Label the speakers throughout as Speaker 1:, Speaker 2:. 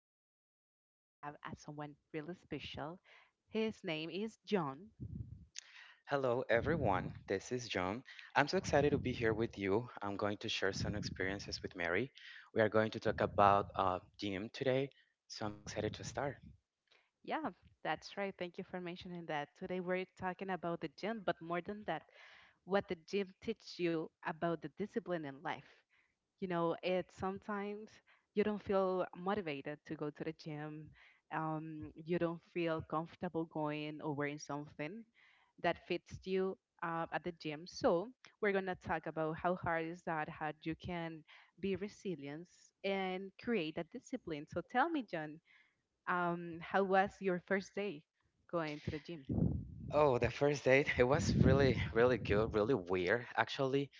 Speaker 1: Mary, and today we have someone really special. His name is John.
Speaker 2: Hello, everyone. This is John. I'm so excited to be here with you. I'm going to share some experiences with Mary. We are going to talk about DiEM today, so I'm so excited to start.
Speaker 1: Yeah, that's right. Thank you for mentioning that. Today we're talking about the gym, but more than that, what the gym teaches you about the discipline in life. It's sometimes you don't feel motivated to go to the gym. You don't feel comfortable going or wearing something that fits you at the gym. So we're gonna talk about how hard is that, how you can be resilient and create that discipline. So tell me, John, how was your first day going to the gym?
Speaker 2: Oh, the first date, it was really, really good, really weird, actually,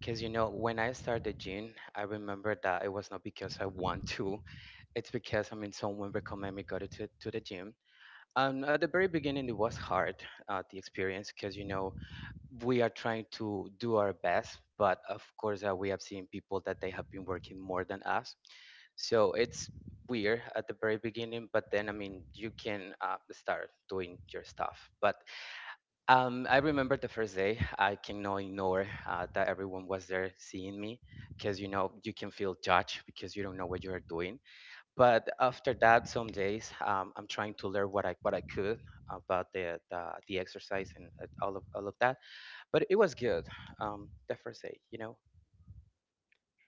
Speaker 2: because when I started gym, I remember that it was not because I want to, it's because I mean someone recommended me go to the gym. At the very beginning, it was hard, the experience, because we are trying to do our best, but of course, we have seen people that they have been working more than us. So it's weird at the very beginning, but then I mean, you can start doing your stuff. But I remember the first day, I cannot ignore that everyone was there seeing me, because you can feel judged because you don't know what you are doing. But after that, some days, I'm trying to learn what I could about the exercise and all of that, but it was good. The first day.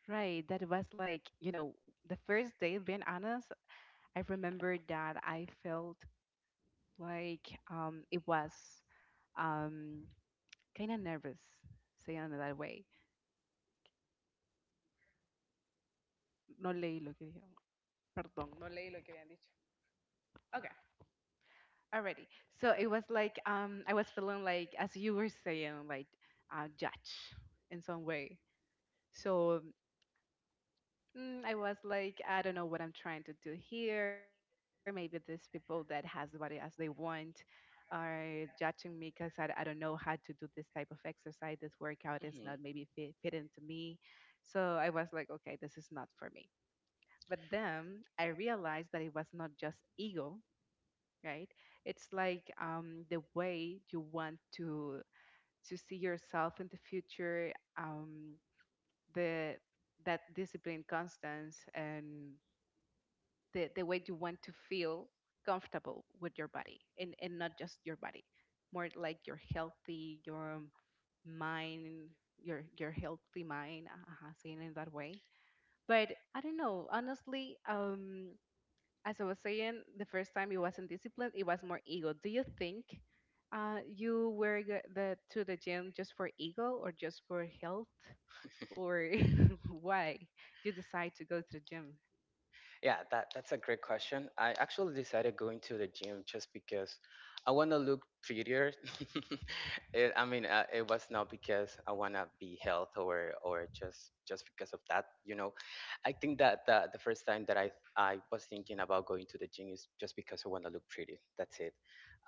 Speaker 1: Right, that was like, you know, the first day, being honest, I remember that I felt like it was um, kind of nervous, saying it that way. No leí lo que dijeron. Perdón, no leí lo que habían dicho. Okay. Already. So it was like I was feeling like as you were saying like judge in some way. So I was like I don't know what I'm trying to do here. Maybe these people that has the body as they want are judging me because I don't know how to do this type of exercise. This workout is not
Speaker 2: Mhm.
Speaker 1: maybe fit into me. So I was like okay, this is not for me. But then I realized that it was not just ego, right? It's like the way you want to see yourself in the future, um, the that discipline, constance, and the way you want to feel comfortable with your body, and not just your body, more like your healthy, your mind, your healthy mind, saying in that way. But I don't know, honestly. As I was saying, the first time it wasn't discipline, it was more ego. Do you think you were g- the to the gym just for ego or just for health? Or why you decide to go to the gym?
Speaker 2: Yeah, that's a great question. I actually decided going to the gym just because I want to look prettier. I mean, it was not because I want to be health or just because of that. I think that the first time that I was thinking about going to the gym is just because I want to look pretty. That's it.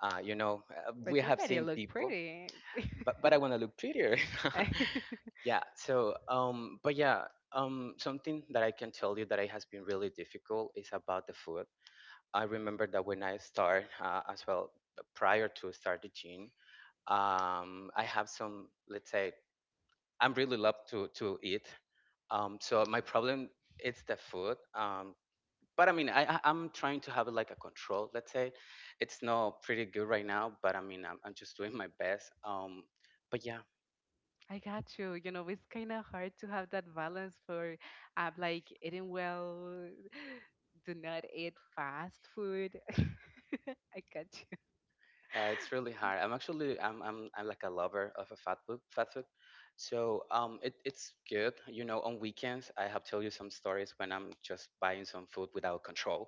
Speaker 2: Uh, you know, uh,
Speaker 1: But
Speaker 2: we
Speaker 1: you
Speaker 2: have
Speaker 1: already
Speaker 2: seen
Speaker 1: look
Speaker 2: people.
Speaker 1: pretty.
Speaker 2: But I want to look prettier.
Speaker 1: I
Speaker 2: Yeah. So, but yeah, something that I can tell you that it has been really difficult is about the food. I remember that when I start as well, prior to start the gym, I have some, let's say, I'm really love to eat. So my problem it's the food. But I mean I'm trying to have like a control. Let's say it's not pretty good right now, but I mean I'm just doing my best. But yeah
Speaker 1: got you. You know, it's kind of hard to have that balance for like eating well, do not eat fast food. I got you.
Speaker 2: Yeah, it's really hard. I'm actually I'm like a lover of a fat food. So it's good. On weekends I have tell you some stories when I'm just buying some food without control.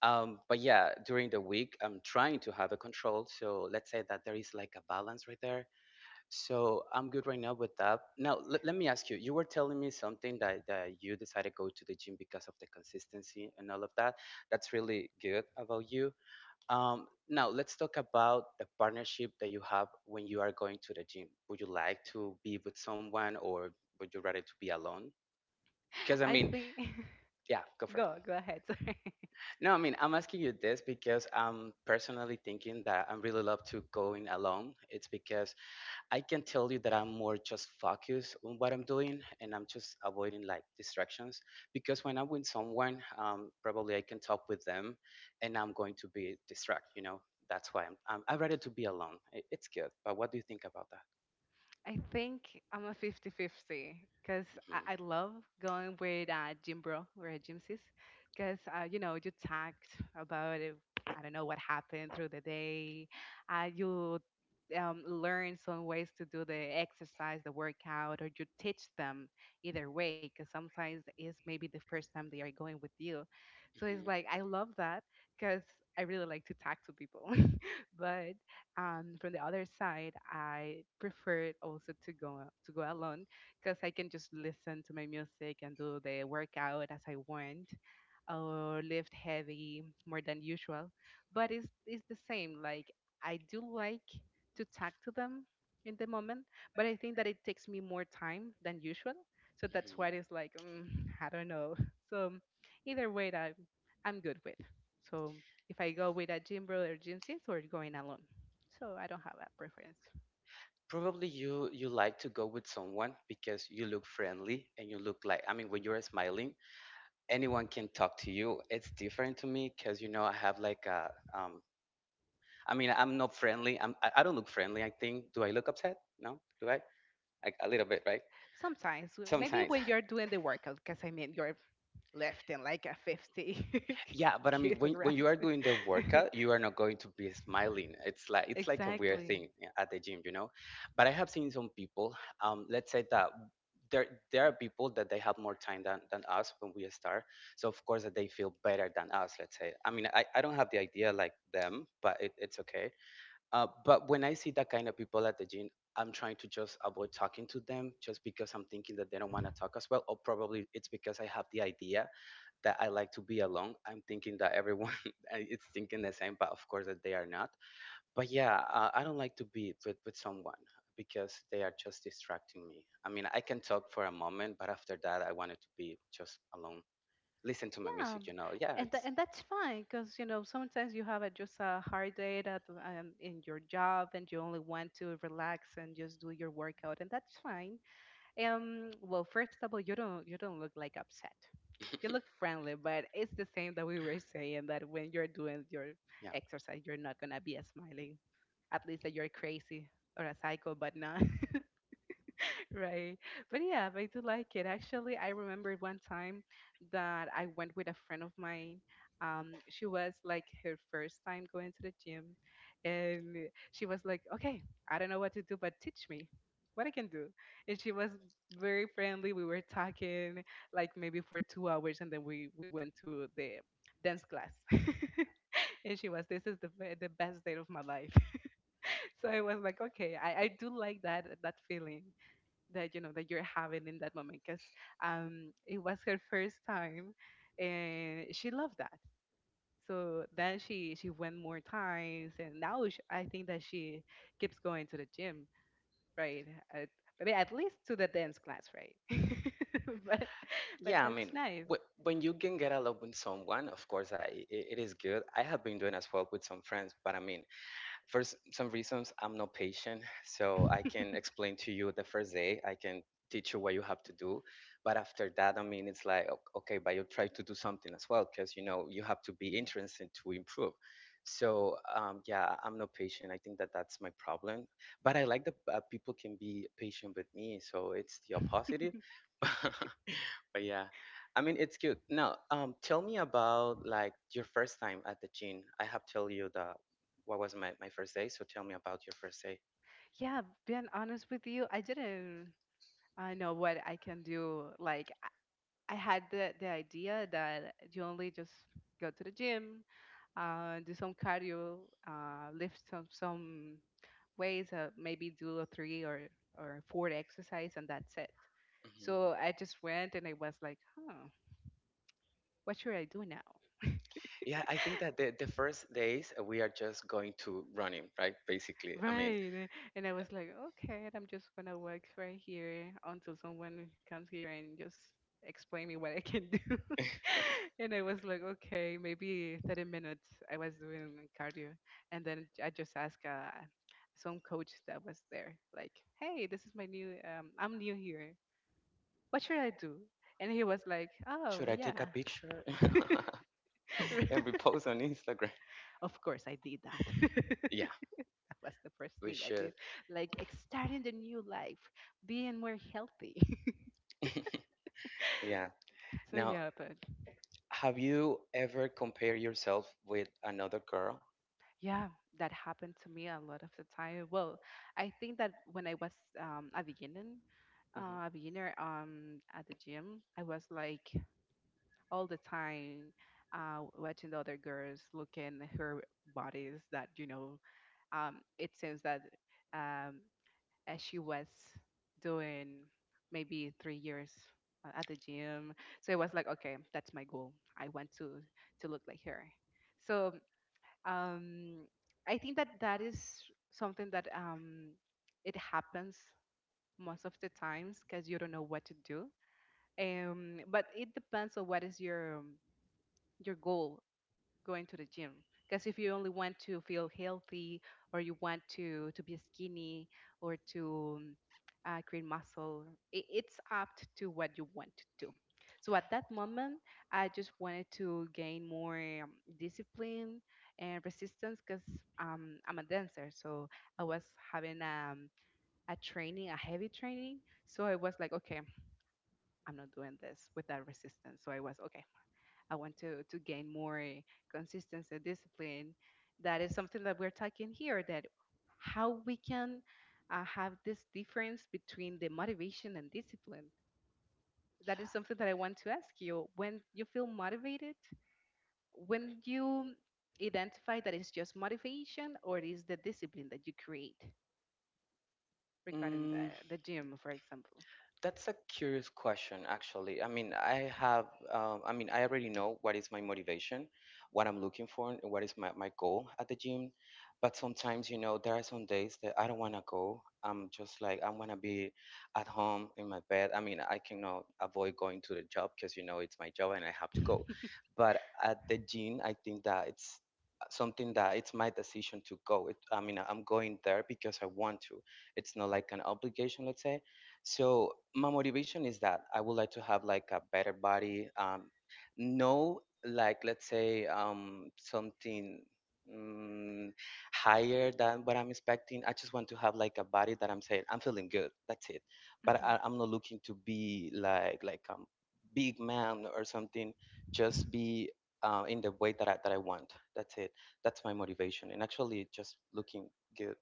Speaker 2: But yeah, during the week I'm trying to have a control. So let's say that there is like a balance right there. So I'm good right now with that. Now let me ask you, you were telling me something that you decided to go to the gym because of the consistency and all of that. That's really good about you. Now let's talk about the partnership that you have when you are going to the gym. Would you like to be with someone, or would you rather to be alone? Because I
Speaker 1: I
Speaker 2: mean,
Speaker 1: think,
Speaker 2: yeah, go for it.
Speaker 1: go ahead. Sorry.
Speaker 2: No, I mean, I'm asking you this because I'm personally thinking that I really love to going alone. It's because I can tell you that I'm more just focused on what I'm doing and I'm just avoiding like distractions, because when I'm with someone, probably I can talk with them and I'm going to be distracted. That's why I'd rather to be alone. It's good. But what do you think about that?
Speaker 1: I think I'm a 50-50 because
Speaker 2: hmm
Speaker 1: I love going with gym bro or a gym sis because, you know, you talked about it. I don't know what happened through the day. You learn some ways to do the exercise, the workout, or you teach them either way because sometimes it's maybe the first time they are going with you. So
Speaker 2: hmm
Speaker 1: it's
Speaker 2: hmm
Speaker 1: like, I love that because I really like to talk to people but from the other side, I prefer also to go alone because I can just listen to my music and do the workout as I want, or lift heavy more than usual. But it's the same. Like I do like to talk to them in the moment, but I think that it takes me more time than usual. So that's why it's like I don't know. So either way, I'm good with. So if I go with a gym bro or gym sis, we're going alone. So I don't have a preference.
Speaker 2: probably you like to go with someone because you look friendly, and you look like, I mean, when you're smiling, anyone can talk to you. It's different to me because I have like a. I mean, I'm not friendly. I don't look friendly, I think. Do I look upset? No. Do I? Like a little bit, right?
Speaker 1: Sometimes, maybe
Speaker 2: Sometimes.
Speaker 1: when you're doing the workout, because I mean, you're lifting like a 50
Speaker 2: Yeah, but I mean, when you are
Speaker 1: kilograms.
Speaker 2: doing the workout, you are not going to be smiling. It's like a weird
Speaker 1: Exactly.
Speaker 2: thing, yeah, at the gym. But I have seen some people. Let's say that there are people that they have more time than us when we start. So of course that they feel better than us. Let's say. I mean, I don't have the idea like them, but it's okay. But when I see that kind of people at the gym, I'm trying to just avoid talking to them just because I'm thinking that they don't want to talk as well. Or probably it's because I have the idea that I like to be alone. I'm thinking that everyone is thinking the same, but of course that they are not. But yeah, I don't like to be with someone because they are just distracting me. I mean, I can talk for a moment, but after that, I wanted to be just alone. Listen to my
Speaker 1: Yeah.
Speaker 2: music. Yeah,
Speaker 1: And,
Speaker 2: it's,
Speaker 1: and that's fine because, you know, sometimes you have a, just a hard day that, in your job and you only want to relax and just do your workout. And that's fine. Well, first of all, you don't look like upset. You look friendly, but it's the same that we were saying that when you're doing your
Speaker 2: yeah.
Speaker 1: exercise, you're not gonna be a smiling. At least that you're crazy or a psycho, but not. Right. But yeah, but I do like it. Actually, I remember one time that I went with a friend of mine. She was like her first time going to the gym, and she was like, "Okay, I don't know what to do, but teach me what I can do." And she was very friendly. We were talking like maybe for 2 hours, and then we went to the dance class. And she was, "This is the best day of my life." So I was like, "Okay, I do like that feeling." That you know that you're having in that moment because it was her first time and she loved that, so then she went more times and now sh I think that she keeps going to the gym, right, at, I mean at least to the dance class, right? but but
Speaker 2: Yeah, I mean,
Speaker 1: that's nice.
Speaker 2: when you can get along with someone, of course, it is good. I have been doing as well with some friends, but I mean, for some reasons, I'm not patient. So I can explain to you the first day, I can teach you what you have to do. But after that, I mean, it's like, okay, but you try to do something as well, because, you have to be interested to improve. So, yeah, I'm not patient. I think that that's my problem. But I like that people can be patient with me. So it's the opposite. But yeah, I mean it's cute. Now, tell me about like your first time at the gym. I have tell you the what was my first day. So tell me about your first day.
Speaker 1: Yeah, being honest with you, I didn't I know what I can do. Like I had the idea that you only just go to the gym, do some cardio, lift some weights, maybe do a three or four exercise, and that's it.
Speaker 2: hmm
Speaker 1: So I just went and I was like, huh, what should I do now?
Speaker 2: Yeah, I think that the first days, we are just going to running, right? Basically, I mean,
Speaker 1: Right. And I was like, okay, I'm just gonna work right here until someone comes here and just explain me what I can do. And I was like, okay, maybe 30 minutes I was doing cardio. And then I just asked some coach that was there, like, hey, this is my new, I'm new here. What should I do? And he was like, oh,
Speaker 2: should I take a
Speaker 1: yeah.
Speaker 2: picture and we post on Instagram?
Speaker 1: Of course, I did that.
Speaker 2: Yeah,
Speaker 1: Was the first
Speaker 2: we
Speaker 1: thing I
Speaker 2: should.
Speaker 1: did. Like starting the new life, being more healthy.
Speaker 2: Yeah.
Speaker 1: So
Speaker 2: Now,
Speaker 1: yeah, but
Speaker 2: have you ever compared yourself with another girl?
Speaker 1: yeah, that happened to me a lot of the time. Well, I think that when I was a beginning, a beginner at the gym, I was like all the time watching the other girls looking at her bodies that you know it seems that um, as she was doing maybe 3 years at the gym. So it was like, okay, that's my goal. I want to look like her. So um, I think that that is something that it happens most of the times because you don't know what to do. But it depends on what is your goal going to the gym. Because if you only want to feel healthy or you want to be skinny or to create muscle, I it's up to what you want to do. So at that moment, I just wanted to gain more um, discipline and resistance because I'm a dancer. So I was having a training, a heavy training. So I was like, okay, I'm not doing this without resistance. So I was, okay, I want to gain more consistency, discipline. That is something that we're talking here. That how we can have this difference between the motivation and discipline. That is something that I want to ask you. When you feel motivated, when you identify that it's just motivation or it is the discipline that you create regarding
Speaker 2: Mhm.
Speaker 1: the gym, for example.
Speaker 2: That's a curious question, actually. I mean, I have, I mean, I already know what is my motivation, what I'm looking for, and what is my goal at the gym. But sometimes, there are some days that I don't want to go. I'm just like, I want to be at home in my bed. I mean, I cannot avoid going to the job because, it's my job and I have to go. But at the gym, I think that it's something that it's my decision to go. I mean, I'm going there because I want to. It's not like an obligation, let's say. So my motivation is that I would like to have like a better body. No, like, let's say, something, mm, higher than what I'm expecting. I just want to have like a body that I'm saying I'm feeling good. That's it. But
Speaker 1: hmm
Speaker 2: I'm not looking to be like big man or something. Just be in the way that that I want. That's it. That's my motivation. And actually, just looking good.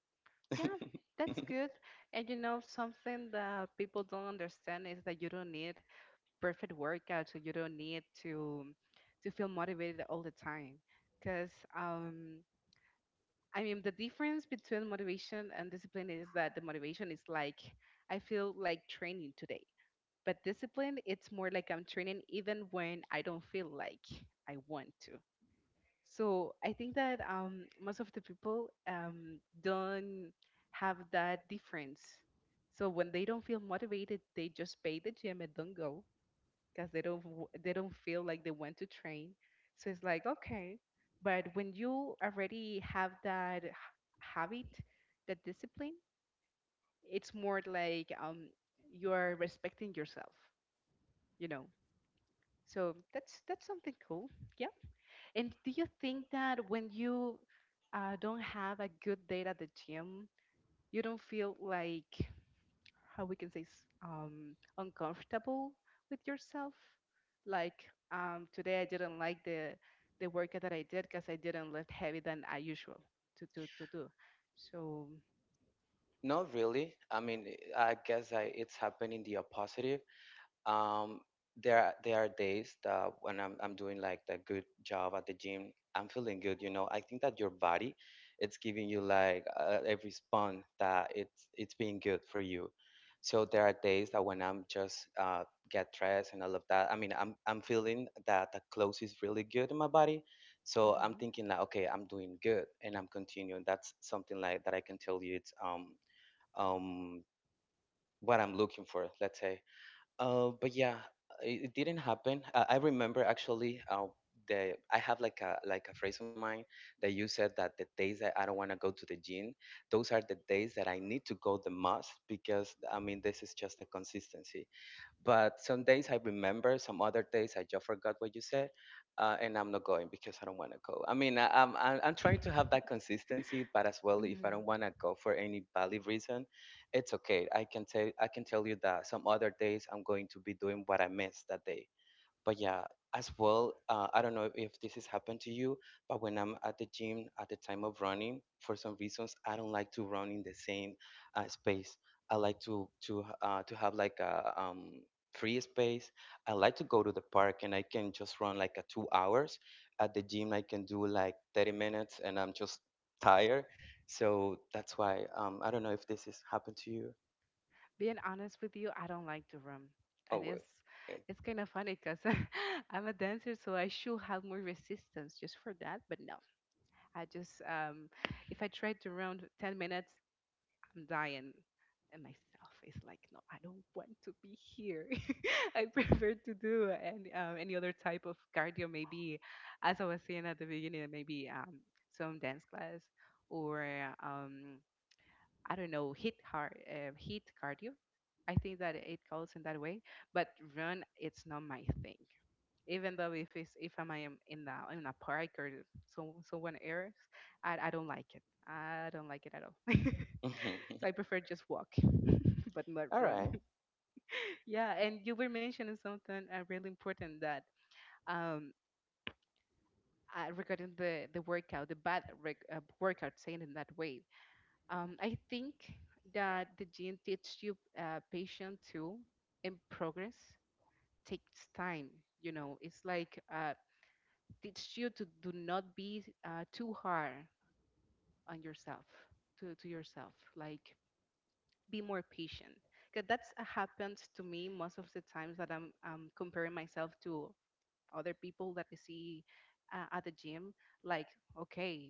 Speaker 1: Yeah, that's good. And you know, something that people don't understand is that you don't need perfect workout, so you don't need to feel motivated all the time because um I mean the difference between motivation and discipline is that the motivation is like I feel like training today, but discipline it's more like I'm training even when I don't feel like I want to. So I think that most of the people don't have that difference, so when they don't feel motivated they just pay the gym and don't go because they don't they don't feel like they want to train. So it's like okay, but when you already have that habit, that discipline, it's more like you're respecting yourself, you know. So that's something cool. Yeah. And do you think that when you don't have a good day at the gym, you don't feel like how we can say uncomfortable with yourself. Like today, I didn't like the workout that I did because I didn't lift heavy than I usual to do. So
Speaker 2: Not really. I mean, I guess it's happening the opposite. Um, there are days that when I'm doing like the good job at the gym, I'm feeling good. I think that your body, it's giving you like a response that it's being good for you. So there are days that when I'm just get dressed and all of that. I mean, I'm feeling that the clothes is really good in my body. So I'm
Speaker 1: Mhm.
Speaker 2: thinking like, okay, I'm doing good and I'm continuing. That's something like that I can tell you. It's um what I'm looking for, let's say, but yeah, it didn't happen. I remember, actually, the I have like a phrase in my mind that you said that the days that I don't want to go to the gym, those are the days that I need to go the most, because I mean this is just a consistency, but some days I remember, some other days I just forgot what you said, and I'm not going because I don't want to go. I mean, I, I'm trying to have that consistency, but as well, if I
Speaker 1: Mhm.
Speaker 2: don't want to go for any valid reason, it's okay. I can tell you that some other days I'm going to be doing what I missed that day. But yeah, as well, I don't know if this has happened to you, but when I'm at the gym at the time of running, for some reasons, I don't like to run in the same space. I like to to have like a free space. I like to go to the park and I can just run like a 2 hours. At the gym, I can do like 30 minutes and I'm just tired. So that's why I don't know if this has happened to you.
Speaker 1: Being honest with you, I don't like to run,
Speaker 2: Oh
Speaker 1: and
Speaker 2: well.
Speaker 1: it's kind of funny because I'm a dancer, so I should have more resistance just for that. But no, I just if I try to run 10 minutes, I'm dying. And myself is like, no, I don't want to be here. I prefer to do any other type of cardio, maybe, as I was saying at the beginning, maybe some dance class or, um, I don't know, hit cardio. I think that it calls in that way. But run, it's not my thing. Even though if if I'm am in a park or someone else, I don't like it. I don't like it at all.
Speaker 2: Yeah.
Speaker 1: So I prefer just walk, but not
Speaker 2: All
Speaker 1: run.
Speaker 2: right.
Speaker 1: Yeah, and you were mentioning something really important that um, regarding the workout, the bad workout, saying in that way. I think that the gene teaches you patience too, and progress takes time. You know, it's like teaches you to do not be too hard on yourself, to yourself, like be more patient. Because that's happens to me most of the times that I'm comparing myself to other people that I see at the gym. Like, okay,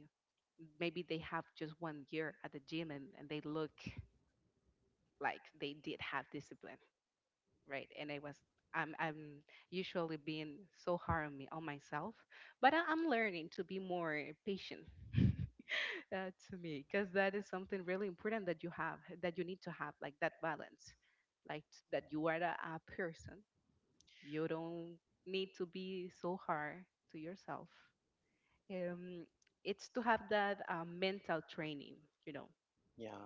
Speaker 1: maybe they have just 1 year at the gym and they look like they did have discipline, right? And I'm usually being so hard on me, on myself, but I'm learning to be more patient. To me, because that is something really important that you need to have like that balance, like that you are a person. You don't need to be so hard to yourself. um, it's to have that mental training you know
Speaker 2: Yeah.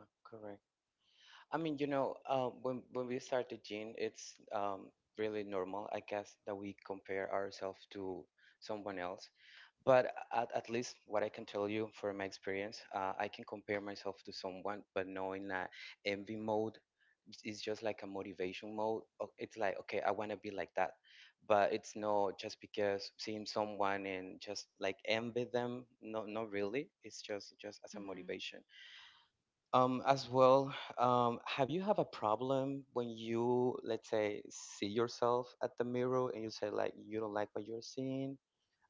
Speaker 2: I mean, when we start the gym, it's really normal, I guess, that we compare ourselves to someone else. But at least what I can tell you from my experience, I can compare myself to someone, but knowing that envy mode is just like a motivation mode. It's like, okay, I want to be like that. But it's not just because seeing someone and just like envy them. No, not really. It's just as a motivation. As well, have you have a problem when you, let's say, see yourself at the mirror and you say like you don't like what you're seeing?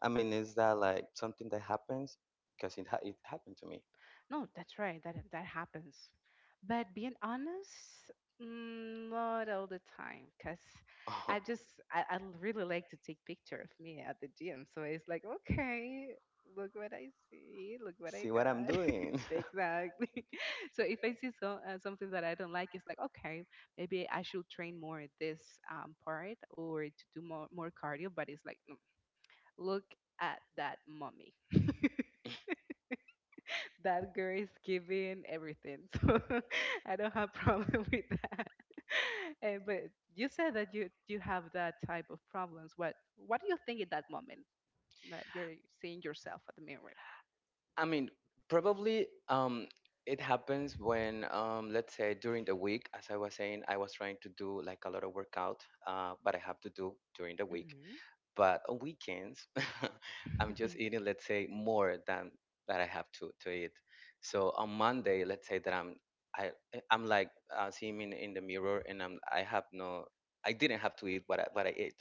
Speaker 2: I mean, is that like something that happens? Because it happened to me.
Speaker 1: No, that's right. That happens. But being honest, not all the time, cause I just I really like to take picture of me at the gym. So it's like, okay, look what I see, look what I
Speaker 2: See what I'm
Speaker 1: got.
Speaker 2: doing?
Speaker 1: Exactly. So if I see something that I don't like, it's like, okay, maybe I should train more at this part or to do more cardio. But it's like, Look at that mummy that girl is giving everything." So I don't have problem with that. But you said that you have that type of problems. What do you think in that moment that you're seeing yourself at the mirror?
Speaker 2: I mean, probably it happens when, let's say, during the week, as I was saying, I was trying to do like a lot of workout, but I have to do during the week.
Speaker 1: Hmm.
Speaker 2: But on weekends, I'm just eating, let's say, more than that I have to eat. So on Monday, let's say that I'm like seeing in the mirror, and I have no, I didn't have to eat what what I ate,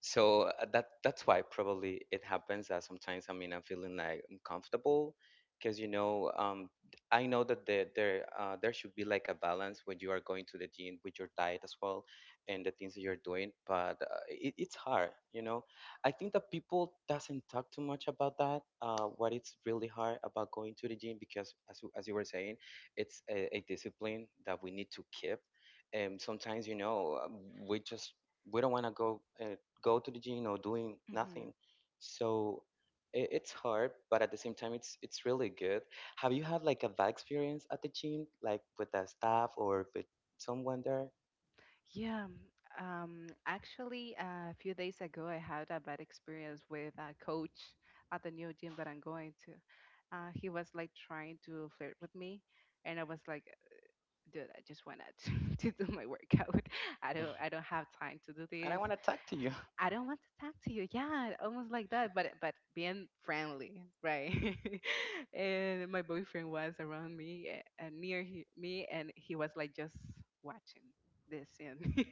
Speaker 2: so that's why probably it happens that sometimes I mean I'm feeling like I'm comfortable because you know I know that there should be like a balance when you are going to the gym with your diet as well and the things that you're doing, but it's hard. You know, I think that people doesn't talk too much about that, what it's really hard about going to the gym because as you were saying, it's a discipline that we need to keep, and sometimes you know we just we don't want to go go to the gym or doing
Speaker 1: Hmm.
Speaker 2: nothing. So it's hard, but at the same time, it's really good. Have you had like a bad experience at the gym, like with the staff or with someone there?
Speaker 1: Yeah. Actually, a few days ago, I had a bad experience with a coach at the new gym that I'm going to. He was like trying to flirt with me, and I was like, dude, I just wanna to do my workout. I don't have time to do
Speaker 2: And I
Speaker 1: this.
Speaker 2: want to talk to you.
Speaker 1: I don't want to talk to you. Yeah, almost like that, but being friendly, right? And my boyfriend was around me and me, and he was like just watching this and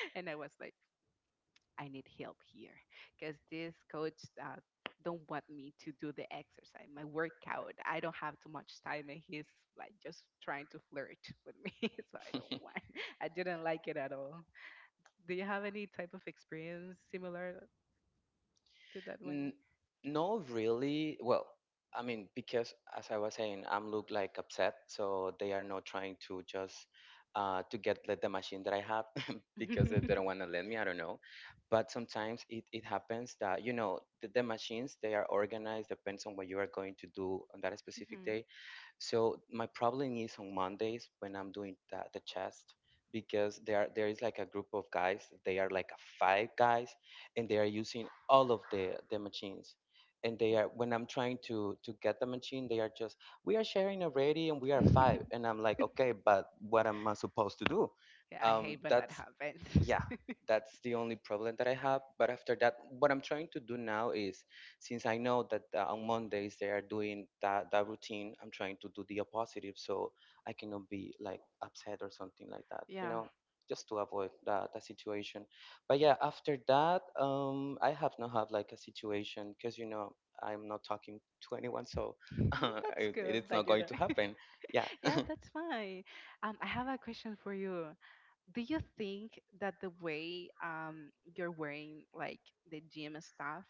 Speaker 1: and I was like, I need help here because this coach uh, don't want me to do the exercise, my workout. I don't have too much time, and he's like just trying to flirt with me, so I don't want. I didn't like it at all. Do you have any type of experience similar to that one?
Speaker 2: N- no, really. Well, I mean, because as I was saying, I'm look like upset, so they are not trying to just to get the machine that I have because they don't want to let me. I don't know, but sometimes it happens that you know the machines they are organized depends on what you are going to do on that specific
Speaker 1: Mhm.
Speaker 2: day. So my problem is on Mondays when I'm doing the chest because there is like a group of guys. They are like a five guys, and they are using all of the machines. And they are when I'm trying to get the machine, they are just we are sharing already, and we are five. And I'm like, okay, but what am I supposed to do?
Speaker 1: Yeah, I hate when that
Speaker 2: That's
Speaker 1: happens.
Speaker 2: yeah, that's the only problem that I have. But after that, what I'm trying to do now is since I know that on Mondays they are doing that routine, I'm trying to do the opposite so I cannot be like upset or something like that, you
Speaker 1: Yeah.
Speaker 2: know, just to avoid that situation. But yeah, after that, I have not had like a situation because, you know, I'm not talking to anyone, so
Speaker 1: Mm, that's
Speaker 2: it,
Speaker 1: good
Speaker 2: it's not
Speaker 1: that you're.
Speaker 2: going to happen. Yeah.
Speaker 1: Yeah, that's fine. I have a question for you. Do you think that the way you're wearing like the gym stuff,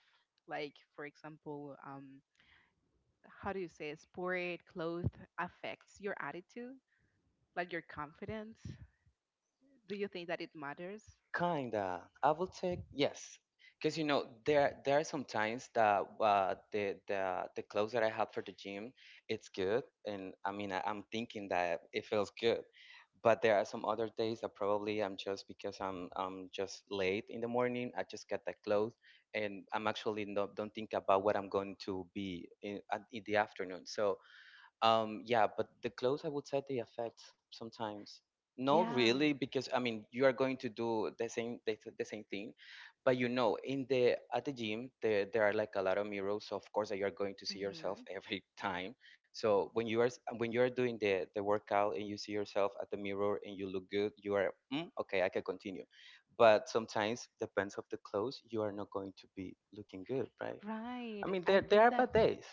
Speaker 1: like for example, how do you say it, sport clothes affects your attitude, like your confidence? Do you think that it matters?
Speaker 2: Kinda. I will take yes, because you know there are some times that the clothes that I have for the gym, it's good, and I mean I'm thinking that it feels good, but there are some other days that probably I'm just because I'm just late in the morning. I just get the clothes, and I'm actually not don't think about what I'm going to be in the afternoon. So yeah, but the clothes I would say they affect sometimes. No,
Speaker 1: Yeah.
Speaker 2: really, because I mean you are going to do the same the same thing, but you know in the at the gym there are like a lot of mirrors. So of course that you are going to see yourself
Speaker 1: Hmm.
Speaker 2: every time. So when you are when you are doing the workout and you see yourself at the mirror and you look good, you are mm, okay. I can continue, but sometimes depends of the clothes you are not going to be looking good, right?
Speaker 1: Right.
Speaker 2: I mean
Speaker 1: I
Speaker 2: there
Speaker 1: think
Speaker 2: are
Speaker 1: that
Speaker 2: bad days.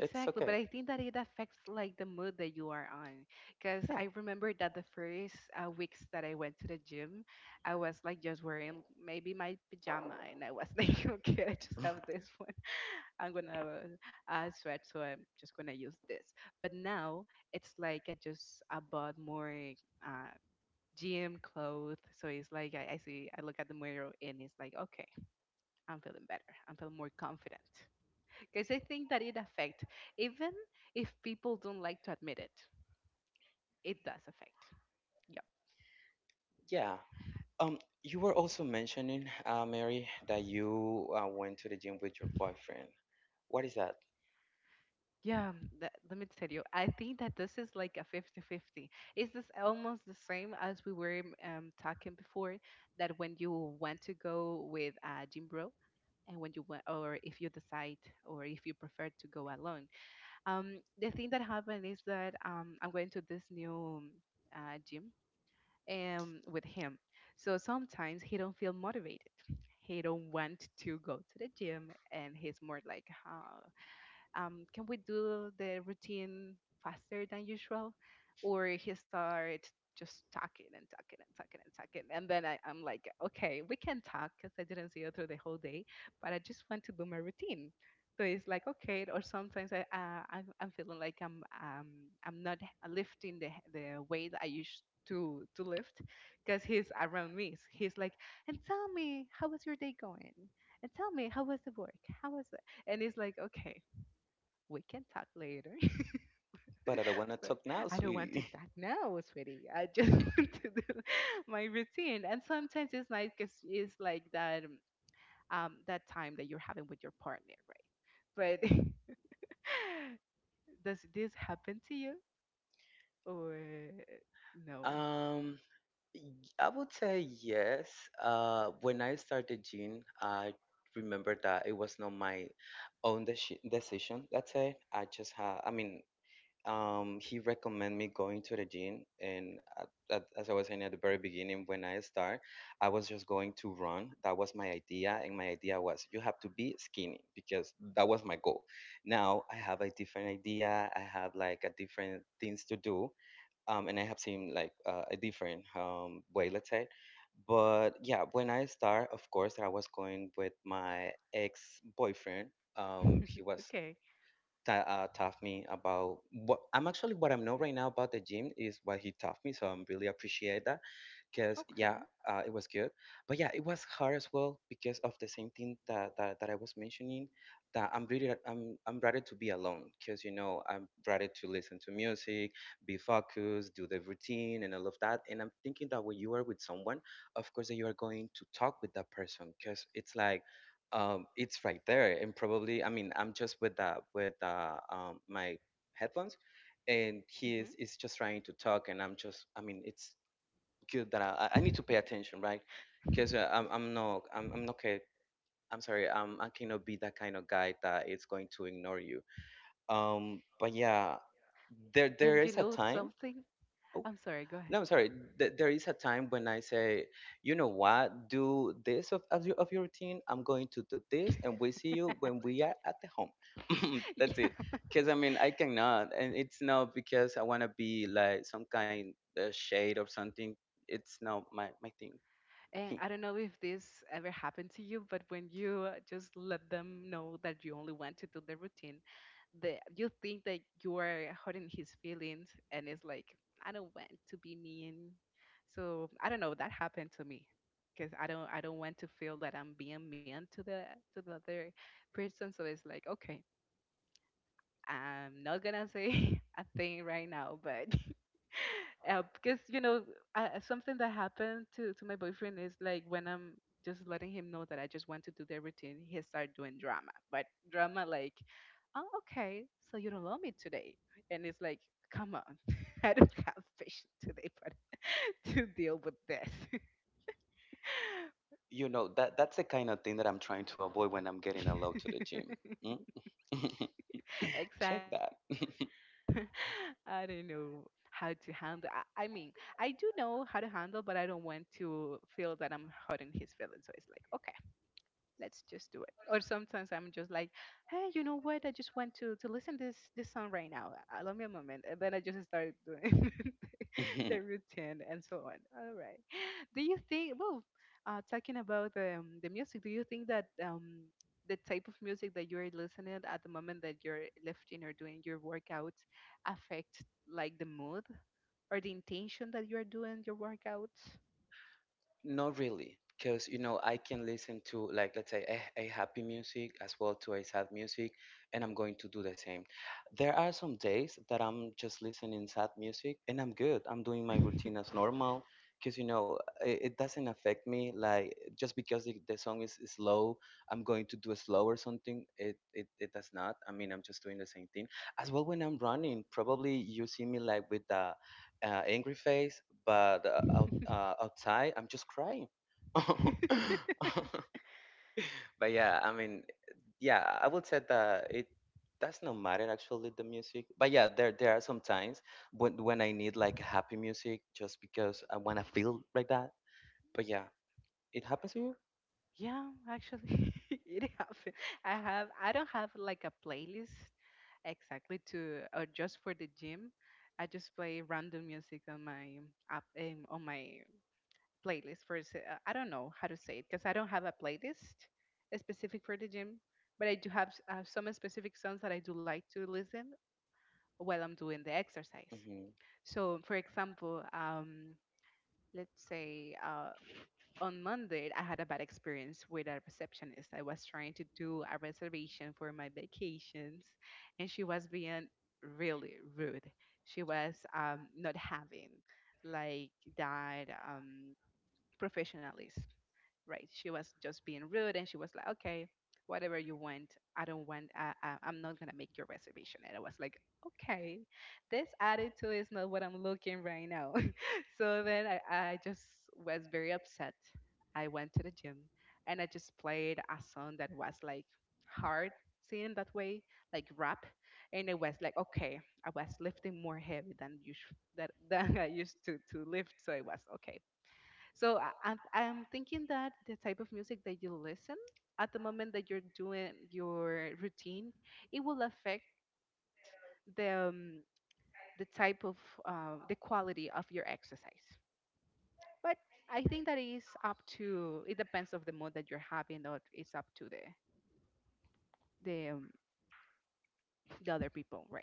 Speaker 2: It's
Speaker 1: but
Speaker 2: okay.
Speaker 1: I think that it affects like the mood that you are on. Because
Speaker 2: Yeah.
Speaker 1: I remember that the first weeks that I went to the gym, I was like just wearing maybe my pajama, and I was like, okay, I just have this one. I'm gonna sweat, so I'm just gonna use this. But now it's like I bought more uh, gym clothes, so it's like I look at the mirror, and it's like, okay, I'm feeling better. I'm feeling more confident because I think that it affects, even if people don't like to admit it, it does affect.
Speaker 2: Yeah. You were also mentioning, Mary, that you went to the gym with your boyfriend. What is that?
Speaker 1: Yeah, let me tell you, I think that this is like a fifty-fifty. Is this almost the same as we were talking before, that when you want to go with a gym bro, and when you want, or if you decide, or if you prefer to go alone. The thing that happened is that I'm going to this new um, gym with him. So sometimes he don't feel motivated. He don't want to go to the gym, and he's more like, huh? Can we do the routine faster than usual? Or he started just talking and talking and talking and talking. And then I'm like, okay, we can talk because I didn't see you through the whole day, but I just want to do my routine. So it's like, okay, or sometimes I'm feeling like I'm not lifting the weight I used to lift because he's around me. So he's like, and tell me, how was your day going? And tell me, how was the work? How was it? And it's like, okay, we can talk later.
Speaker 2: But I don't want to
Speaker 1: But
Speaker 2: talk now,
Speaker 1: I don't want to
Speaker 2: sweetie.
Speaker 1: talk now, sweetie. I just want to do my routine. And sometimes it's nice because it's like that time that you're having with your partner, right? But does this happen to you or no?
Speaker 2: Um, y- I would say yes. When I started gym, I remember that it was not my own decision. That's it. I just had. I mean, he recommended me going to the gym, and as I was saying at the very beginning, when I start, I was just going to run. That was my idea, and my idea was you have to be skinny because that was my goal. Now I have a different idea. I have like a different things to do, and I have seen like a different way, let's say. But yeah, when I start, of course, I was going with my ex boyfriend. He was
Speaker 1: Okay.
Speaker 2: taught me about what I'm actually what I know right now about the gym is what he taught me. So I'm really appreciate that because yeah,
Speaker 1: Okay.
Speaker 2: it was good. But yeah, it was hard as well because of the same thing that I was mentioning. That I'm really I'm rather to be alone because you know I'm rather to listen to music, be focused, do the routine and all of that. And I'm thinking that when you are with someone, of course that you are going to talk with that person because it's like. It's right there, and probably I mean I'm just with the my headphones, and is just trying to talk and I'm just I mean it's good that I need to pay attention, right? Because
Speaker 1: Hmm.
Speaker 2: I'm not, I'm sorry, I cannot be that kind of guy that is going to ignore you. But yeah,
Speaker 1: And you
Speaker 2: there
Speaker 1: know
Speaker 2: is a time.
Speaker 1: something? I'm
Speaker 2: Oh,
Speaker 1: sorry. Go ahead.
Speaker 2: no, I'm sorry. There is a time when I say, you know what, do this of your routine. I'm going to do this, and we see you when we are at the home. That's
Speaker 1: Yeah.
Speaker 2: it. Because I mean, I cannot, and it's not because I want to be like some kind of shade or something. It's not my thing.
Speaker 1: And I don't know if this ever happened to you, but when you just let them know that you only want to do the routine, the you think that you are hurting his feelings, and it's like I don't want to be mean. So I don't know. That happened to me because I don't want to feel that I'm being mean to the other person. So it's like okay, I'm not gonna say a thing right now, but yeah, because something that happened to my boyfriend is like when I'm just letting him know that I just want to do the routine, he start doing drama. But drama like, oh okay, so you don't love me today, and it's like, come on, I don't have patience today, but to deal with this.
Speaker 2: You know, that's the kind of thing that I'm trying to avoid when I'm getting a load to the gym. Mm? Check that.
Speaker 1: Exactly. So I don't know how to handle. I mean, I do know how to handle, but I don't want to feel that I'm hurting his feelings. So it's like, okay, let's just do it. Or sometimes I'm just like, hey, you know what? I just want to listen this song right now. Allow me a moment, and then I just start doing. The routine and so on. All right. Do you think? Well, talking about the music, do you think that the type of music that you're listening at the moment that you're lifting or doing your workouts affect like the mood or the intention that you're doing your workouts?
Speaker 2: Not really, because you know I can listen to like let's say a happy music as well to a sad music, and I'm going to do the same. There are some days that I'm just listening sad music, and I'm good. I'm doing my routine as normal, because you know it doesn't affect me. Like just because the song is slow, I'm going to do a slow or something. It does not. I mean, I'm just doing the same thing as well when I'm running. Probably you see me like with the angry face but outside I'm just crying but yeah I mean yeah I would say that it does not matter actually the music but yeah there are some times when I need like happy music just because I want to feel like that but yeah it happens to you
Speaker 1: Yeah, actually, it happened. I don't have like a playlist exactly to or just for the gym. I just play random music on my app on my playlist for I don't know how to say it because I don't have a playlist specific for the gym, but I do have some specific songs that I do like to listen while I'm doing the exercise.
Speaker 2: hmm
Speaker 1: So, for example, let's say on Monday, I had a bad experience with a receptionist. I was trying to do a reservation for my vacations, and she was being really rude. She was not having like that. Professionalism, right? She was just being rude, and she was like, "Okay, whatever you want, I don't want. I'm not gonna make your reservation." And I was like, "Okay, this attitude is not what I'm looking right now." So then I just was very upset. I went to the gym, and I just played a song that was like hard singing that way, like rap, and it was like okay, I was lifting more heavy than usual that than I used to lift, so it was okay so I'm thinking that the type of music that you listen at the moment that you're doing your routine, it will affect the um, the type of the quality of your exercise. But I think that is up to it depends of the mood that you're having, or it's up to the um, the other people, right?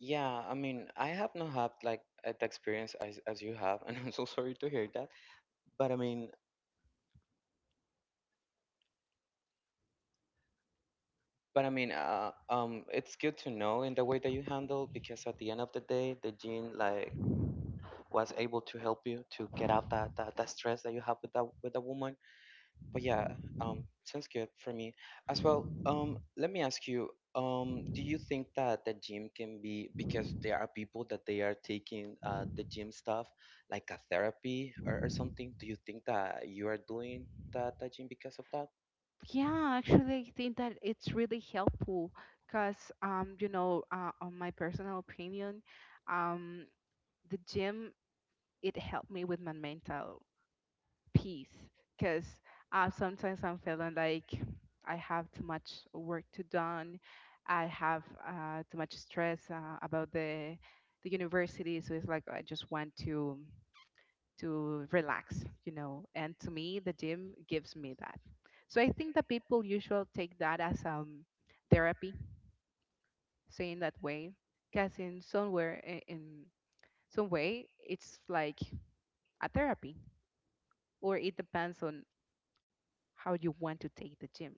Speaker 2: yeah I mean I have not had like the experience as you have and I'm so sorry to hear that but i mean But I mean, it's good to know in the way that you handle because at the end of the day, the gene like was able to help you to get out that stress that you have with that woman. But yeah, sounds good for me as well. Let me ask you, do you think that the gym can be, because there are people that they are taking the gym stuff like a therapy, or something? Do you think that you are doing that gym because of that?
Speaker 1: Yeah, actually, I think that it's really helpful because, on my personal opinion, um, the gym it helped me with my mental peace because sometimes I'm feeling like I have too much work to done. I have too much stress about the university, so it's like I just want to relax, you know. And to me, the gym gives me that. So I think that people usually take that as therapy, saying that way, because in somewhere in some way it's like a therapy or it depends on how you want to take the gym.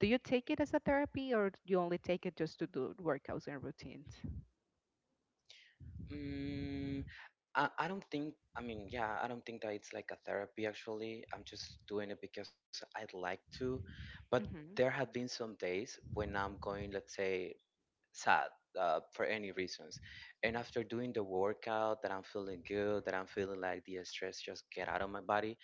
Speaker 1: Do you take it as a therapy or you only take it just to do workouts and routines?
Speaker 2: Mm, I don't think, I mean, yeah, I don't think that it's like a therapy actually. I'm just doing it because I'd like to. But there
Speaker 1: Hmm.
Speaker 2: have been some days when I'm going, let's say, sad for any reasons. And after doing the workout, that I'm feeling good, that I'm feeling like the stress just get out of my body.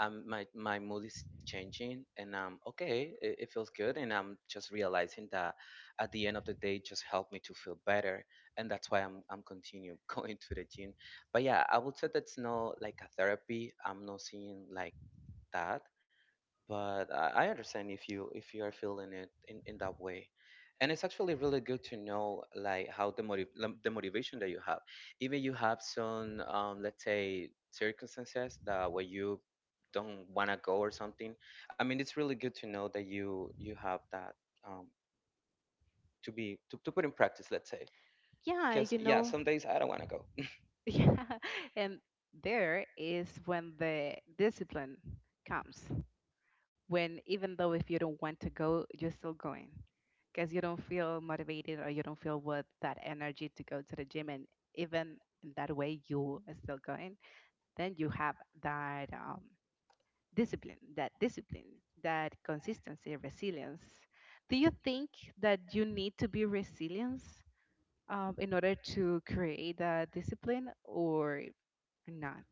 Speaker 2: My mood is changing, and okay, it feels good, and I'm just realizing that at the end of the day, it just helped me to feel better, and that's why I'm continue going to the gym. But yeah, I would say that's not like a therapy. I'm not seeing like that, but I understand if you, if you are feeling it in that way, and it's actually really good to know like how the the motivation that you have, even you have some let's say circumstances that where you don't want to go or something. I mean, it's really good to know that you have that, um, to be to put in practice, let's say,
Speaker 1: Yeah, you
Speaker 2: because yeah,
Speaker 1: know,
Speaker 2: some days I don't want to go.
Speaker 1: yeah. And there is when the discipline comes, when even though if you don't want to go, you're still going because you don't feel motivated or you don't feel with that energy to go to the gym. And even in that way, you are still going. Then you have that discipline, that discipline, that consistency, resilience. Do you think that you need to be resilient in order to create that discipline or not?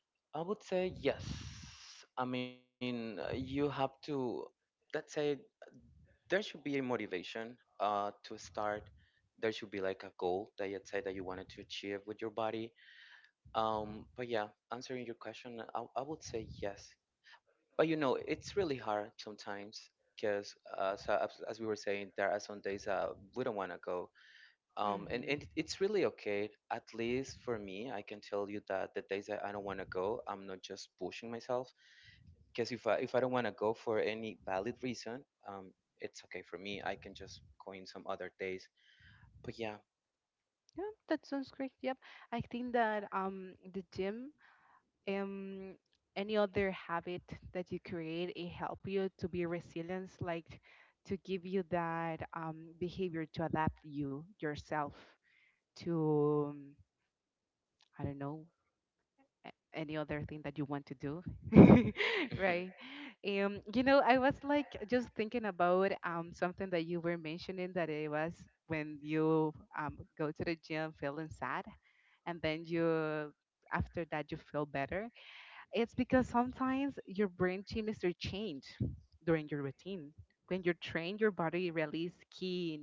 Speaker 2: I would say yes. I mean, you have to, let's say, there should be a motivation to start. There should be like a goal that you'd say that you wanted to achieve with your body. But yeah, answering your question, I would say yes. But you know, it's really hard sometimes because, so as we were saying, there are some days that we don't want to go. And,
Speaker 1: Mm-hmm.
Speaker 2: and it's really okay. At least for me, I can tell you that the days that I don't want to go, I'm not just pushing myself, because if I, if I don't want to go for any valid reason, um, it's okay for me. I can just go in some other days. But yeah,
Speaker 1: Yeah, that sounds great. Yep. I think that the gym um any other habit that you create it help you to be resilient, like to give you that behavior to adapt you yourself to I don't know any other thing that you want to do, right.
Speaker 2: mhm,
Speaker 1: You know, I was like just thinking about something that you were mentioning that it was when you go to the gym feeling sad and then you after that you feel better. It's because sometimes your brain chemistry change during your routine. When you're trained, your body release key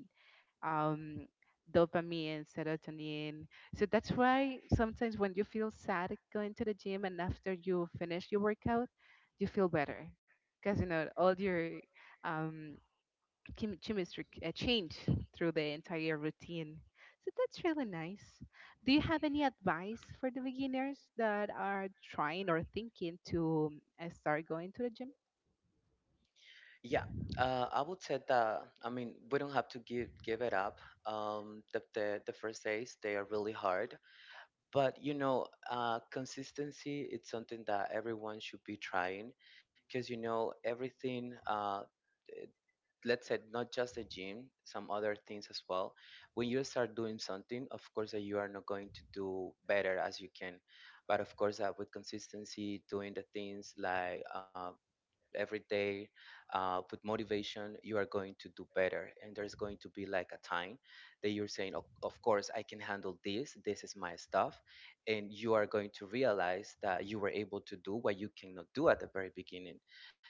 Speaker 1: um, dopamine, serotonin. So that's why sometimes when you feel sad going to the gym and after you finish your workout, you feel better because you know all your um, chemistry change through the entire routine. So that's really nice. Do you have any advice for the beginners that are trying or thinking to start going to the gym?
Speaker 2: yeah. I would say that, I mean, we don't have to give it up. The first days they are really hard, but you know, consistency, it's something that everyone should be trying, because you know, everything, let's say, not just the gym, some other things as well. When you start doing something, of course that you are not going to do better as you can, but of course, with consistency, doing the things like every day with motivation, you are going to do better, and there's going to be like a time that you're saying, of course I can handle this, this is my stuff, and you are going to realize that you were able to do what you cannot do at the very beginning.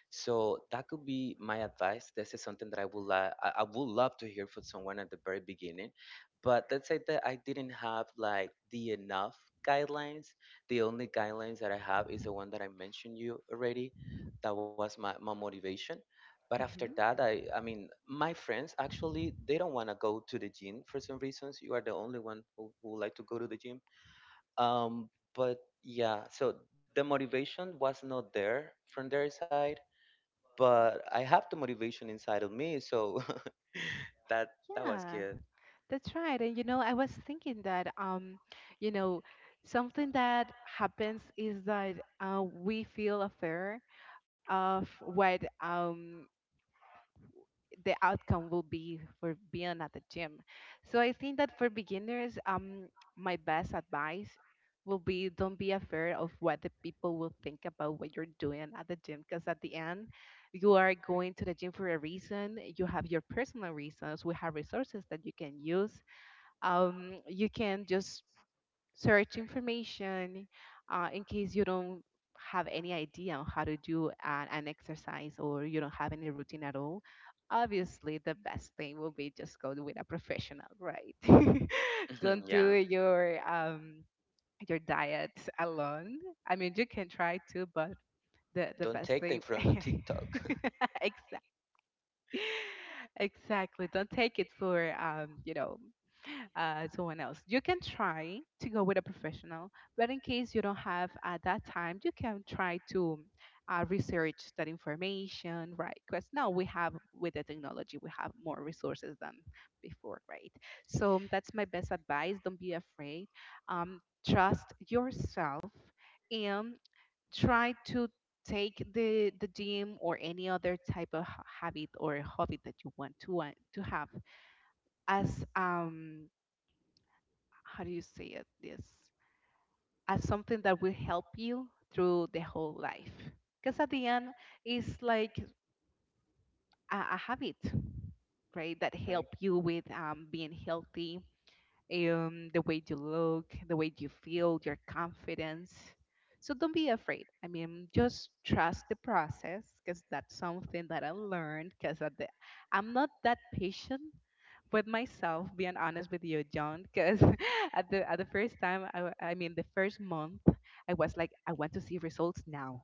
Speaker 2: So that could be my advice. This is something that I would I would love to hear from someone at the very beginning, but let's say that I didn't have like the enough guidelines. The only guidelines that I have is the one that I mentioned you already, that was my, my motivation. But after that,
Speaker 1: Hmm.
Speaker 2: I mean, my friends actually, they don't want to go to the gym for some reasons. You are the only one who would like to go to the gym, um but yeah, so the motivation was not there from their side, but I have the motivation inside of me, so that that was
Speaker 1: Yeah,
Speaker 2: good.
Speaker 1: that's right. And you know, I was thinking that you know, something that happens is that we feel a fear of what the outcome will be for being at the gym. So I think that for beginners, my best advice will be don't be afraid of what the people will think about what you're doing at the gym, because at the end you are going to the gym for a reason. You have your personal reasons. We have resources that you can use. You can just search information in case you don't have any idea on how to do an exercise, or you don't have any routine at all. Obviously the best thing will be just go with a professional, right? don't
Speaker 2: Mhm,
Speaker 1: do
Speaker 2: yeah,
Speaker 1: your diet alone. I mean, you can try to, but the
Speaker 2: don't
Speaker 1: best
Speaker 2: take
Speaker 1: thing,
Speaker 2: them from TikTok.
Speaker 1: exactly. Exactly. Don't take it for you know, someone else. You can try to go with a professional, but in case you don't have at that time, you can try to research that information, right? Because now we have with the technology, we have more resources than before, right? So that's my best advice. Don't be afraid. Um, trust yourself. And try to take the gym or any other type of habit or hobby that you want to have as how do you say it this, as something that will help you through the whole life, because at the end it's like a habit, right, that help
Speaker 2: Right.
Speaker 1: you with being healthy, the way you look, the way you feel, your confidence. So don't be afraid. I mean, just trust the process, because that's something that I learned, because I'm not that patient with myself, being honest with you, John, because at the first time, I mean, the first month, I was like, I want to see results now.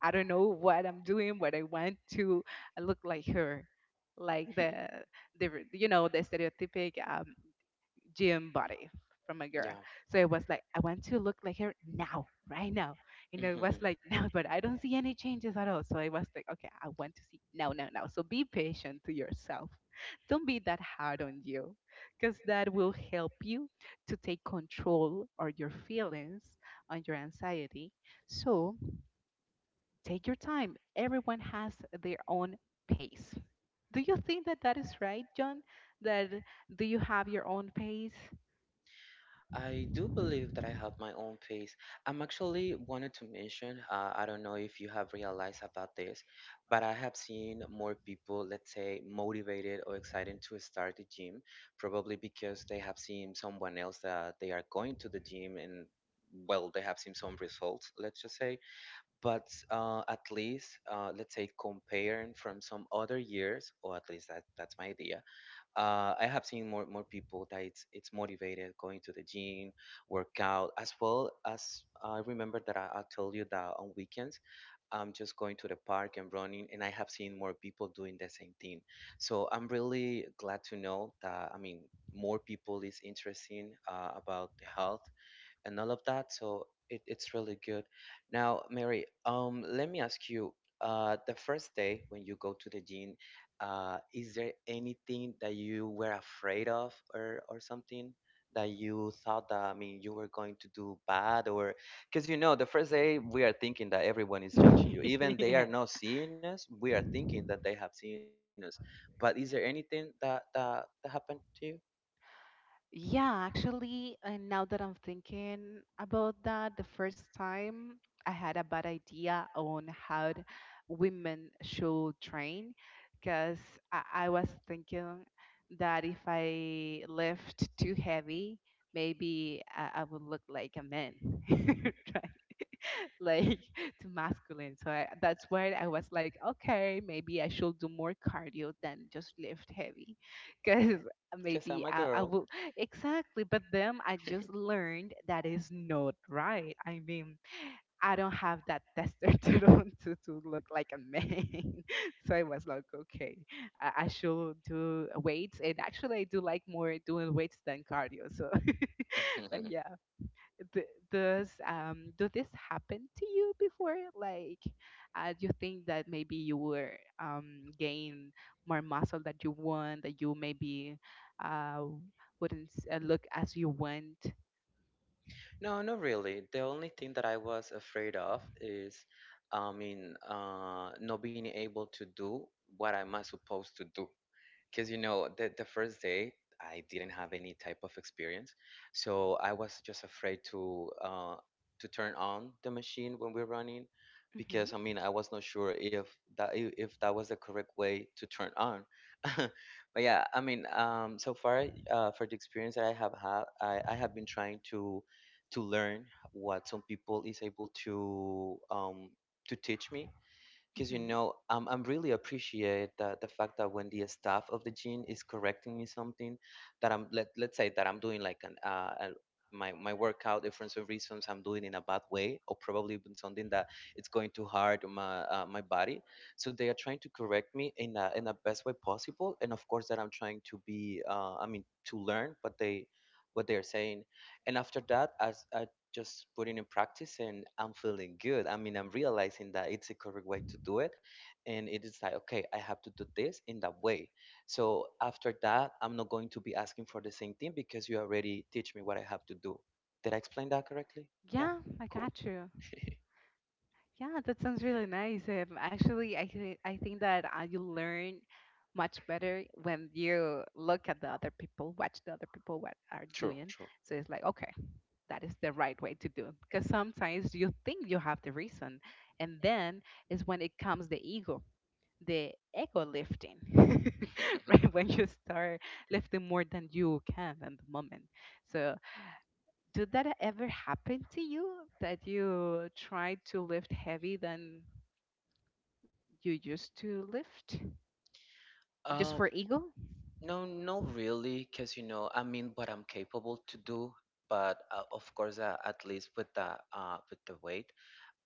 Speaker 1: I don't know what I'm doing, but I want to look like her, like the you know, the stereotypic gym body from a girl.
Speaker 2: Yeah.
Speaker 1: So it was like, I want to look like her now, right now. You know, it was like now, but I don't see any changes at all. So I was like, okay, I want to see now, now, now. So be patient to yourself. Don't be that hard on you, because that will help you to take control or your feelings on your anxiety. So take your time. Everyone has their own pace. Do you think that that is right, John? That do you have your own pace?
Speaker 2: I do believe that I have my own pace. I'm actually wanted to mention, I don't know if you have realized about this, but I have seen more people, let's say, motivated or excited to start the gym, probably because they have seen someone else that they are going to the gym, and well, they have seen some results, let's just say. But at least, let's say, comparing from some other years, or at least that's my idea, I have seen more people that it's motivated going to the gym, workout, as well as I remember that I told you that on weekends I'm just going to the park and running, and I have seen more people doing the same thing. So I'm really glad to know that, I mean, more people is interesting about the health and all of that. So it's really good. Now, Mary, let me ask you, the first day when you go to the gym, is there anything that you were afraid of, or something that you thought that, I mean, you were going to do bad, or, because you know, the first day we are thinking that everyone is judging you. Even they
Speaker 1: yeah.
Speaker 2: are not seeing us, we are thinking that they have seen us. But is there anything that happened to you?
Speaker 1: Yeah, actually, now that I'm thinking about that, the first time I had a bad idea on how women should train, because I was thinking that if I lift too heavy, maybe I would look like a man, right, like too masculine. So that's why I was like, okay, maybe I should do more cardio than just lift heavy, because
Speaker 2: Because I'm
Speaker 1: maybe
Speaker 2: a
Speaker 1: I
Speaker 2: girl.
Speaker 1: will, exactly. But then I just learned that is not right. I mean, I don't have that testosterone to look like a man. so I was like, okay, I should do weights, and actually I do like more doing weights than cardio. So, but yeah. Does do this happen to you before? Like, do you think that maybe you were gain more muscle that you want, that you maybe uh wouldn't look as you want?
Speaker 2: No, not really. The only thing that I was afraid of is, I mean, not being able to do what am I supposed to do, because you know, the first day I didn't have any type of experience, so I was just afraid to turn on the machine when we're running,
Speaker 1: Hmm.
Speaker 2: because I mean, I was not sure if if that was the correct way to turn on. But yeah, I mean, so far, for the experience that I have had, I have been trying to learn what some people is able to teach me, because you
Speaker 1: Hmm.
Speaker 2: know, I'm really appreciate the fact that when the staff of the gym is correcting me something that let's say that I'm doing like my workout, if for some reasons I'm doing in a bad way, or probably even something that it's going too hard on my, my body, so they are trying to correct me in a, in the best way possible, and of course that I'm trying to be, I mean, to learn what they, what they're saying, and after that as I just putting in practice, and I'm feeling good. I mean, I'm realizing that it's a correct way to do it. And it is like, okay, I have to do this in that way. So after that, I'm not going to be asking for the same thing because you already teach me what I have to do. Did I explain that correctly? Yeah.
Speaker 1: Yeah, I
Speaker 2: Cool.
Speaker 1: got you. Yeah, that sounds really nice. Actually, I think that you learn much better when you look at the other people, watch the other people what are
Speaker 2: True.
Speaker 1: doing.
Speaker 2: True.
Speaker 1: So it's like, okay, that is the right way to do, because sometimes you think you have the reason and then is when it comes the ego, the ego lifting, right, when you start lifting more than you can at the moment. So did that ever happen to you that you tried to lift heavy than you used to lift just
Speaker 2: Um,
Speaker 1: for ego?
Speaker 2: no, not really, because you know, I mean, what I'm capable to do, but of course, at least with the weight,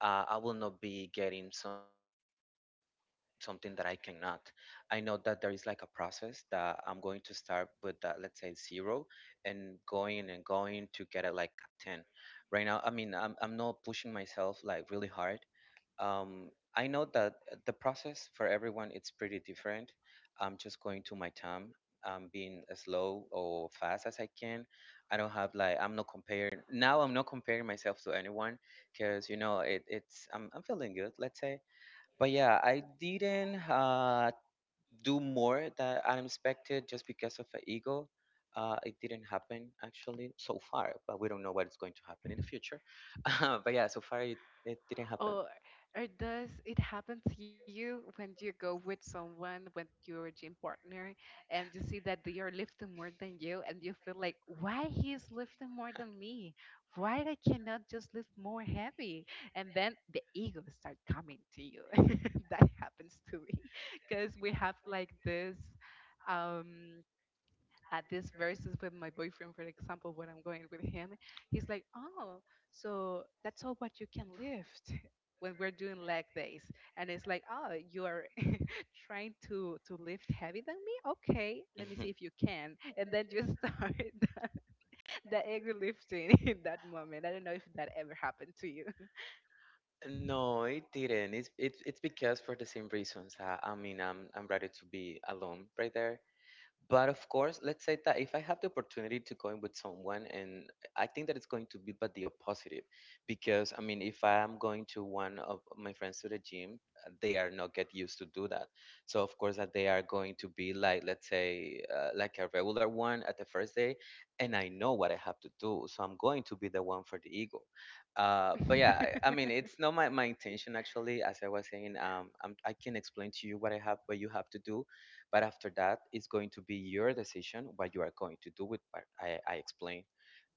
Speaker 2: I will not be getting some something that I cannot. I know that there is like a process that I'm going to start with that, let's say zero, and going to get it like a 10. Right now, I mean, I'm not pushing myself like really hard. Um, I know that the process for everyone, it's pretty different. I'm just going to my time. I'm being as slow or fast as I can. I don't have like, I'm not comparing now. I'm not comparing myself to anyone, because you know, it, it's, I'm feeling good. Let's say, but yeah, I didn't do more than I expected just because of an ego. It didn't happen actually so far, but we don't know what is going to happen in the future. But yeah, so far, it didn't happen.
Speaker 1: Or, or does it happen to you when you go with someone, with your gym partner, and you see that they are lifting more than you, and you feel like, why he is lifting more than me? Why I cannot just lift more heavy? And then the ego start coming to you. that happens to me because we have like this. Um, at these verses with my boyfriend, for example, when I'm going with him, he's like, "Oh, so that's all what you can lift when we're doing leg days," and it's like, "Oh, you are trying to lift heavy than me? Okay, let me see
Speaker 2: Mhm.
Speaker 1: if you can," and then you start the the egg lifting in that moment. I don't know if that ever happened to you.
Speaker 2: No, it didn't. It's because for the same reasons. I mean, I'm ready to be alone right there. But of course, let's say that if I have the opportunity to go in with someone, and I think that it's going to be but the opposite, because I mean, if I am going to one of my friends to the gym, they are not get used to do that. So of course that they are going to be like, let's say, like a regular one at the first day, and I know what I have to do, so I'm going to be the one for the ego. But yeah, I mean, it's not my, my intention actually. As I was saying, I'm, I can explain to you what I have, what you have to do, but after that, it's going to be your decision what you are going to do with what I explained.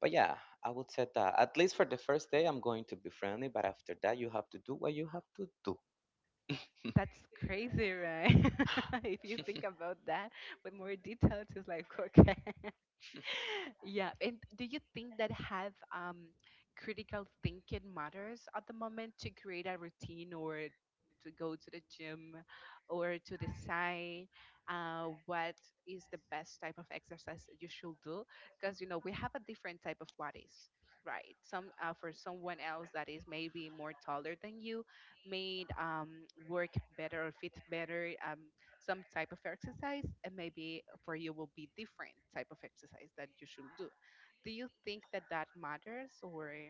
Speaker 2: But yeah, I would say that at least for the first day, I'm going to be friendly. But after that, you have to do what you have to do.
Speaker 1: That's crazy, right? if you think about that with more details, it's like okay. Yeah, and do you think that have critical thinking matters at the moment to create a routine or to go to the gym or to decide what is the best type of exercise that you should do? Because you know we have a different type of bodies, right? Some for someone else that is maybe more taller than you, may work better or fit better. Some type of exercise, and maybe for you will be different type of exercise that you should do. Do you think that that matters, or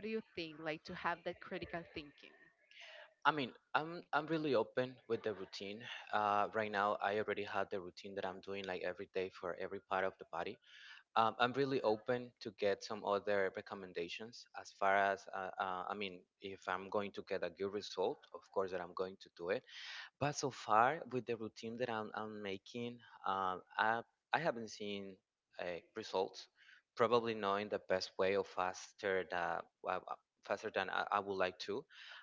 Speaker 1: what do you think, like, to have that critical thinking?
Speaker 2: I mean, I'm really open with the routine. Right now, I already had the routine that I'm doing like every day for every part of the body. I'm really open to get some other recommendations as far as I mean, if I'm going to get a good result, of course that I'm going to do it. But so far, with the routine that I'm making, um, I, I haven't seen uh, results. Probably not in the best way or faster that well, faster than I would like to,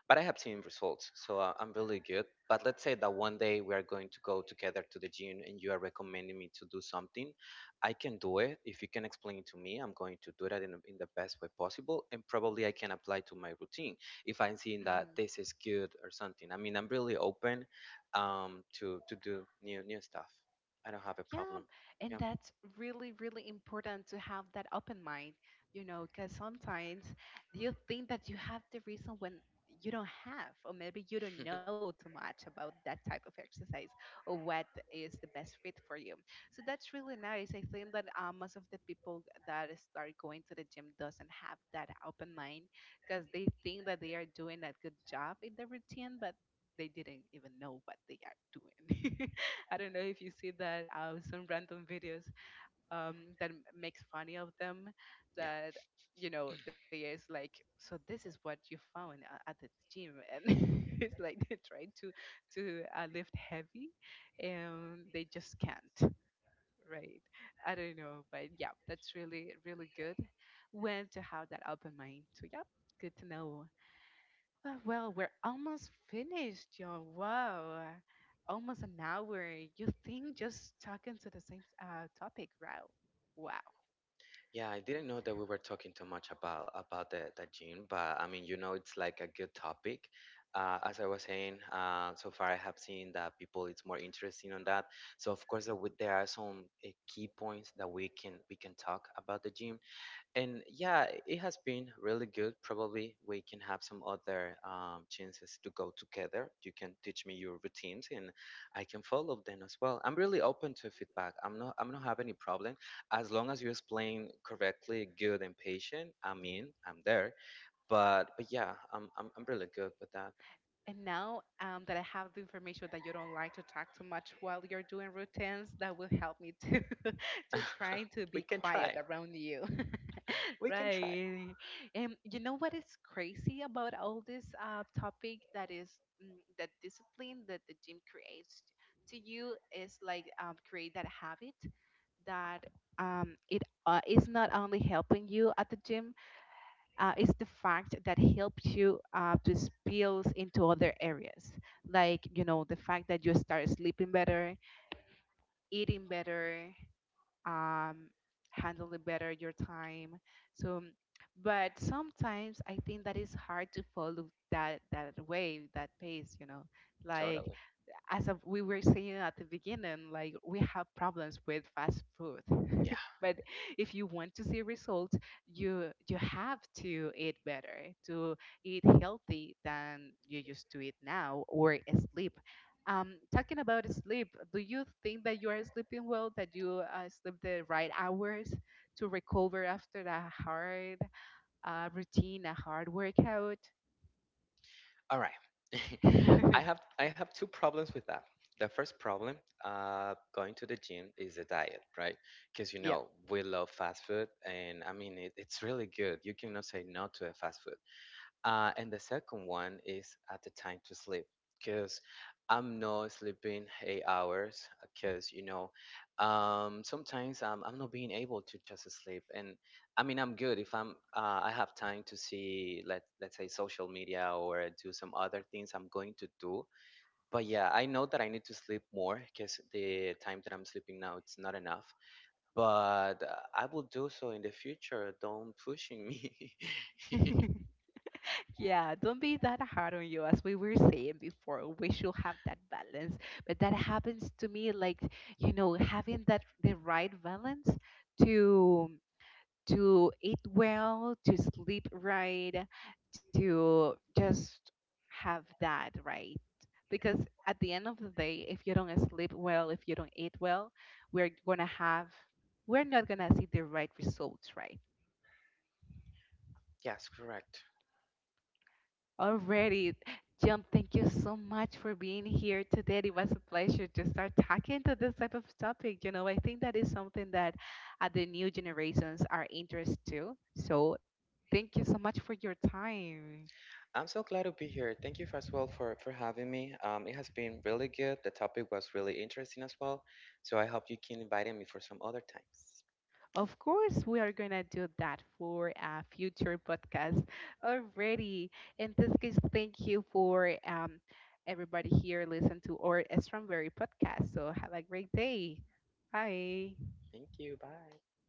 Speaker 2: but I have seen results, so I'm really good. But let's say that one day we are going to go together to the gym, and you are recommending me to do something. I can do it if you can explain it to me. I'm going to do that in the best way possible, and probably I can apply to my routine if I'm seeing that this
Speaker 1: Hmm.
Speaker 2: is good or something. I mean, I'm really open to to do new stuff. I don't have a problem.
Speaker 1: Yeah,
Speaker 2: Yeah.
Speaker 1: and that's really, really important to have that open mind, you know, because sometimes you think that you have the reason when you don't have, or maybe you don't know too much about that type of exercise or what is the best fit for you. So that's really nice. I think that most of the people that start going to the gym doesn't have that open mind, because they think that they are doing a good job in the routine, but they didn't even know what they are doing. I don't know if you see that some random videos that makes funny of them,
Speaker 2: Yeah.
Speaker 1: that you know they is like, so this is what you found at the gym, and it's like they're trying to lift heavy and they just can't, right? I don't know, but yeah, that's really, really good when to have that open mind. So yeah, good to know. Well, we're almost finished, John. Wow, almost an hour. You think just talking to the same topic, wow. Wow.
Speaker 2: Yeah, I didn't know that we were talking too much about the gym, but I mean, you know, it's like a good topic. As I was saying, so far I have seen that people it's more interesting on that. So of course, there, there are some key points that we can talk about the gym. And yeah, it has been really good. Probably we can have some other chances to go together. You can teach me your routines and I can follow them as well. I'm really open to feedback. I'm not have any problem as long as you explain correctly, good and patient, I'm in, I'm there. But yeah, I'm really good with that.
Speaker 1: And now that I have the information that you don't like to talk too much while you're doing routines, that will help me to to trying to
Speaker 2: we
Speaker 1: be
Speaker 2: can
Speaker 1: quiet
Speaker 2: try
Speaker 1: around you.
Speaker 2: we can try
Speaker 1: Right. And you know what is crazy about all this topic, that is that discipline that the gym creates to you, is like create that habit that it is not only helping you at the gym, is the fact that helps you to spill into other areas, like you know the fact that you start sleeping better, eating better, um, handling better your time. So, but sometimes I think that it's hard to follow that wave, that pace. You know, like
Speaker 2: totally,
Speaker 1: as of we were saying at the beginning, like we have problems with fast food.
Speaker 2: yeah.
Speaker 1: But if you want to see results, you have to eat better, to eat healthy than you used to eat now, or sleep. Talking about sleep, do you think that you are sleeping well, that you sleep the right hours to recover after a hard routine, a hard workout?
Speaker 2: All right. I have I have two problems with that. The first problem, going to the gym is a diet, right? Because you
Speaker 1: yeah.
Speaker 2: know we love fast food, and I mean it's really good. You cannot say no to a fast food. And the second one is at the time to sleep because I'm not sleeping 8 hours because you know sometimes I'm not being able to just sleep, and I mean I'm good if I'm I have time to see let's say social media or do some other things I'm going to do. But yeah, I know that I need to sleep more because the time that I'm sleeping now it's not enough, but I will do so in the future. Don't pushing me.
Speaker 1: Yeah, don't be that hard on you. As we were saying before, we should have that balance. But that happens to me, like, you know, having that the right balance to to eat well, to sleep right, to just have that right. Because at the end of the day, if you don't sleep well, if you don't eat well, we're gonna have we're not gonna see the right results, right?
Speaker 2: Yes, correct.
Speaker 1: Already, John, thank you so much for being here today. It was a pleasure to start talking to this type of topic. You know, I think that is something that the new generations are interested to. So, thank you so much for your time.
Speaker 2: I'm so glad to be here. Thank you as well for having me. It has been really good. The topic was really interesting as well. So I hope you can invite me for some other times.
Speaker 1: Of course, we are going to do that for a future podcast already. In this case, thank you for everybody here listen to our Strawberry podcast. So, have a great day. Bye.
Speaker 2: Thank you. Bye.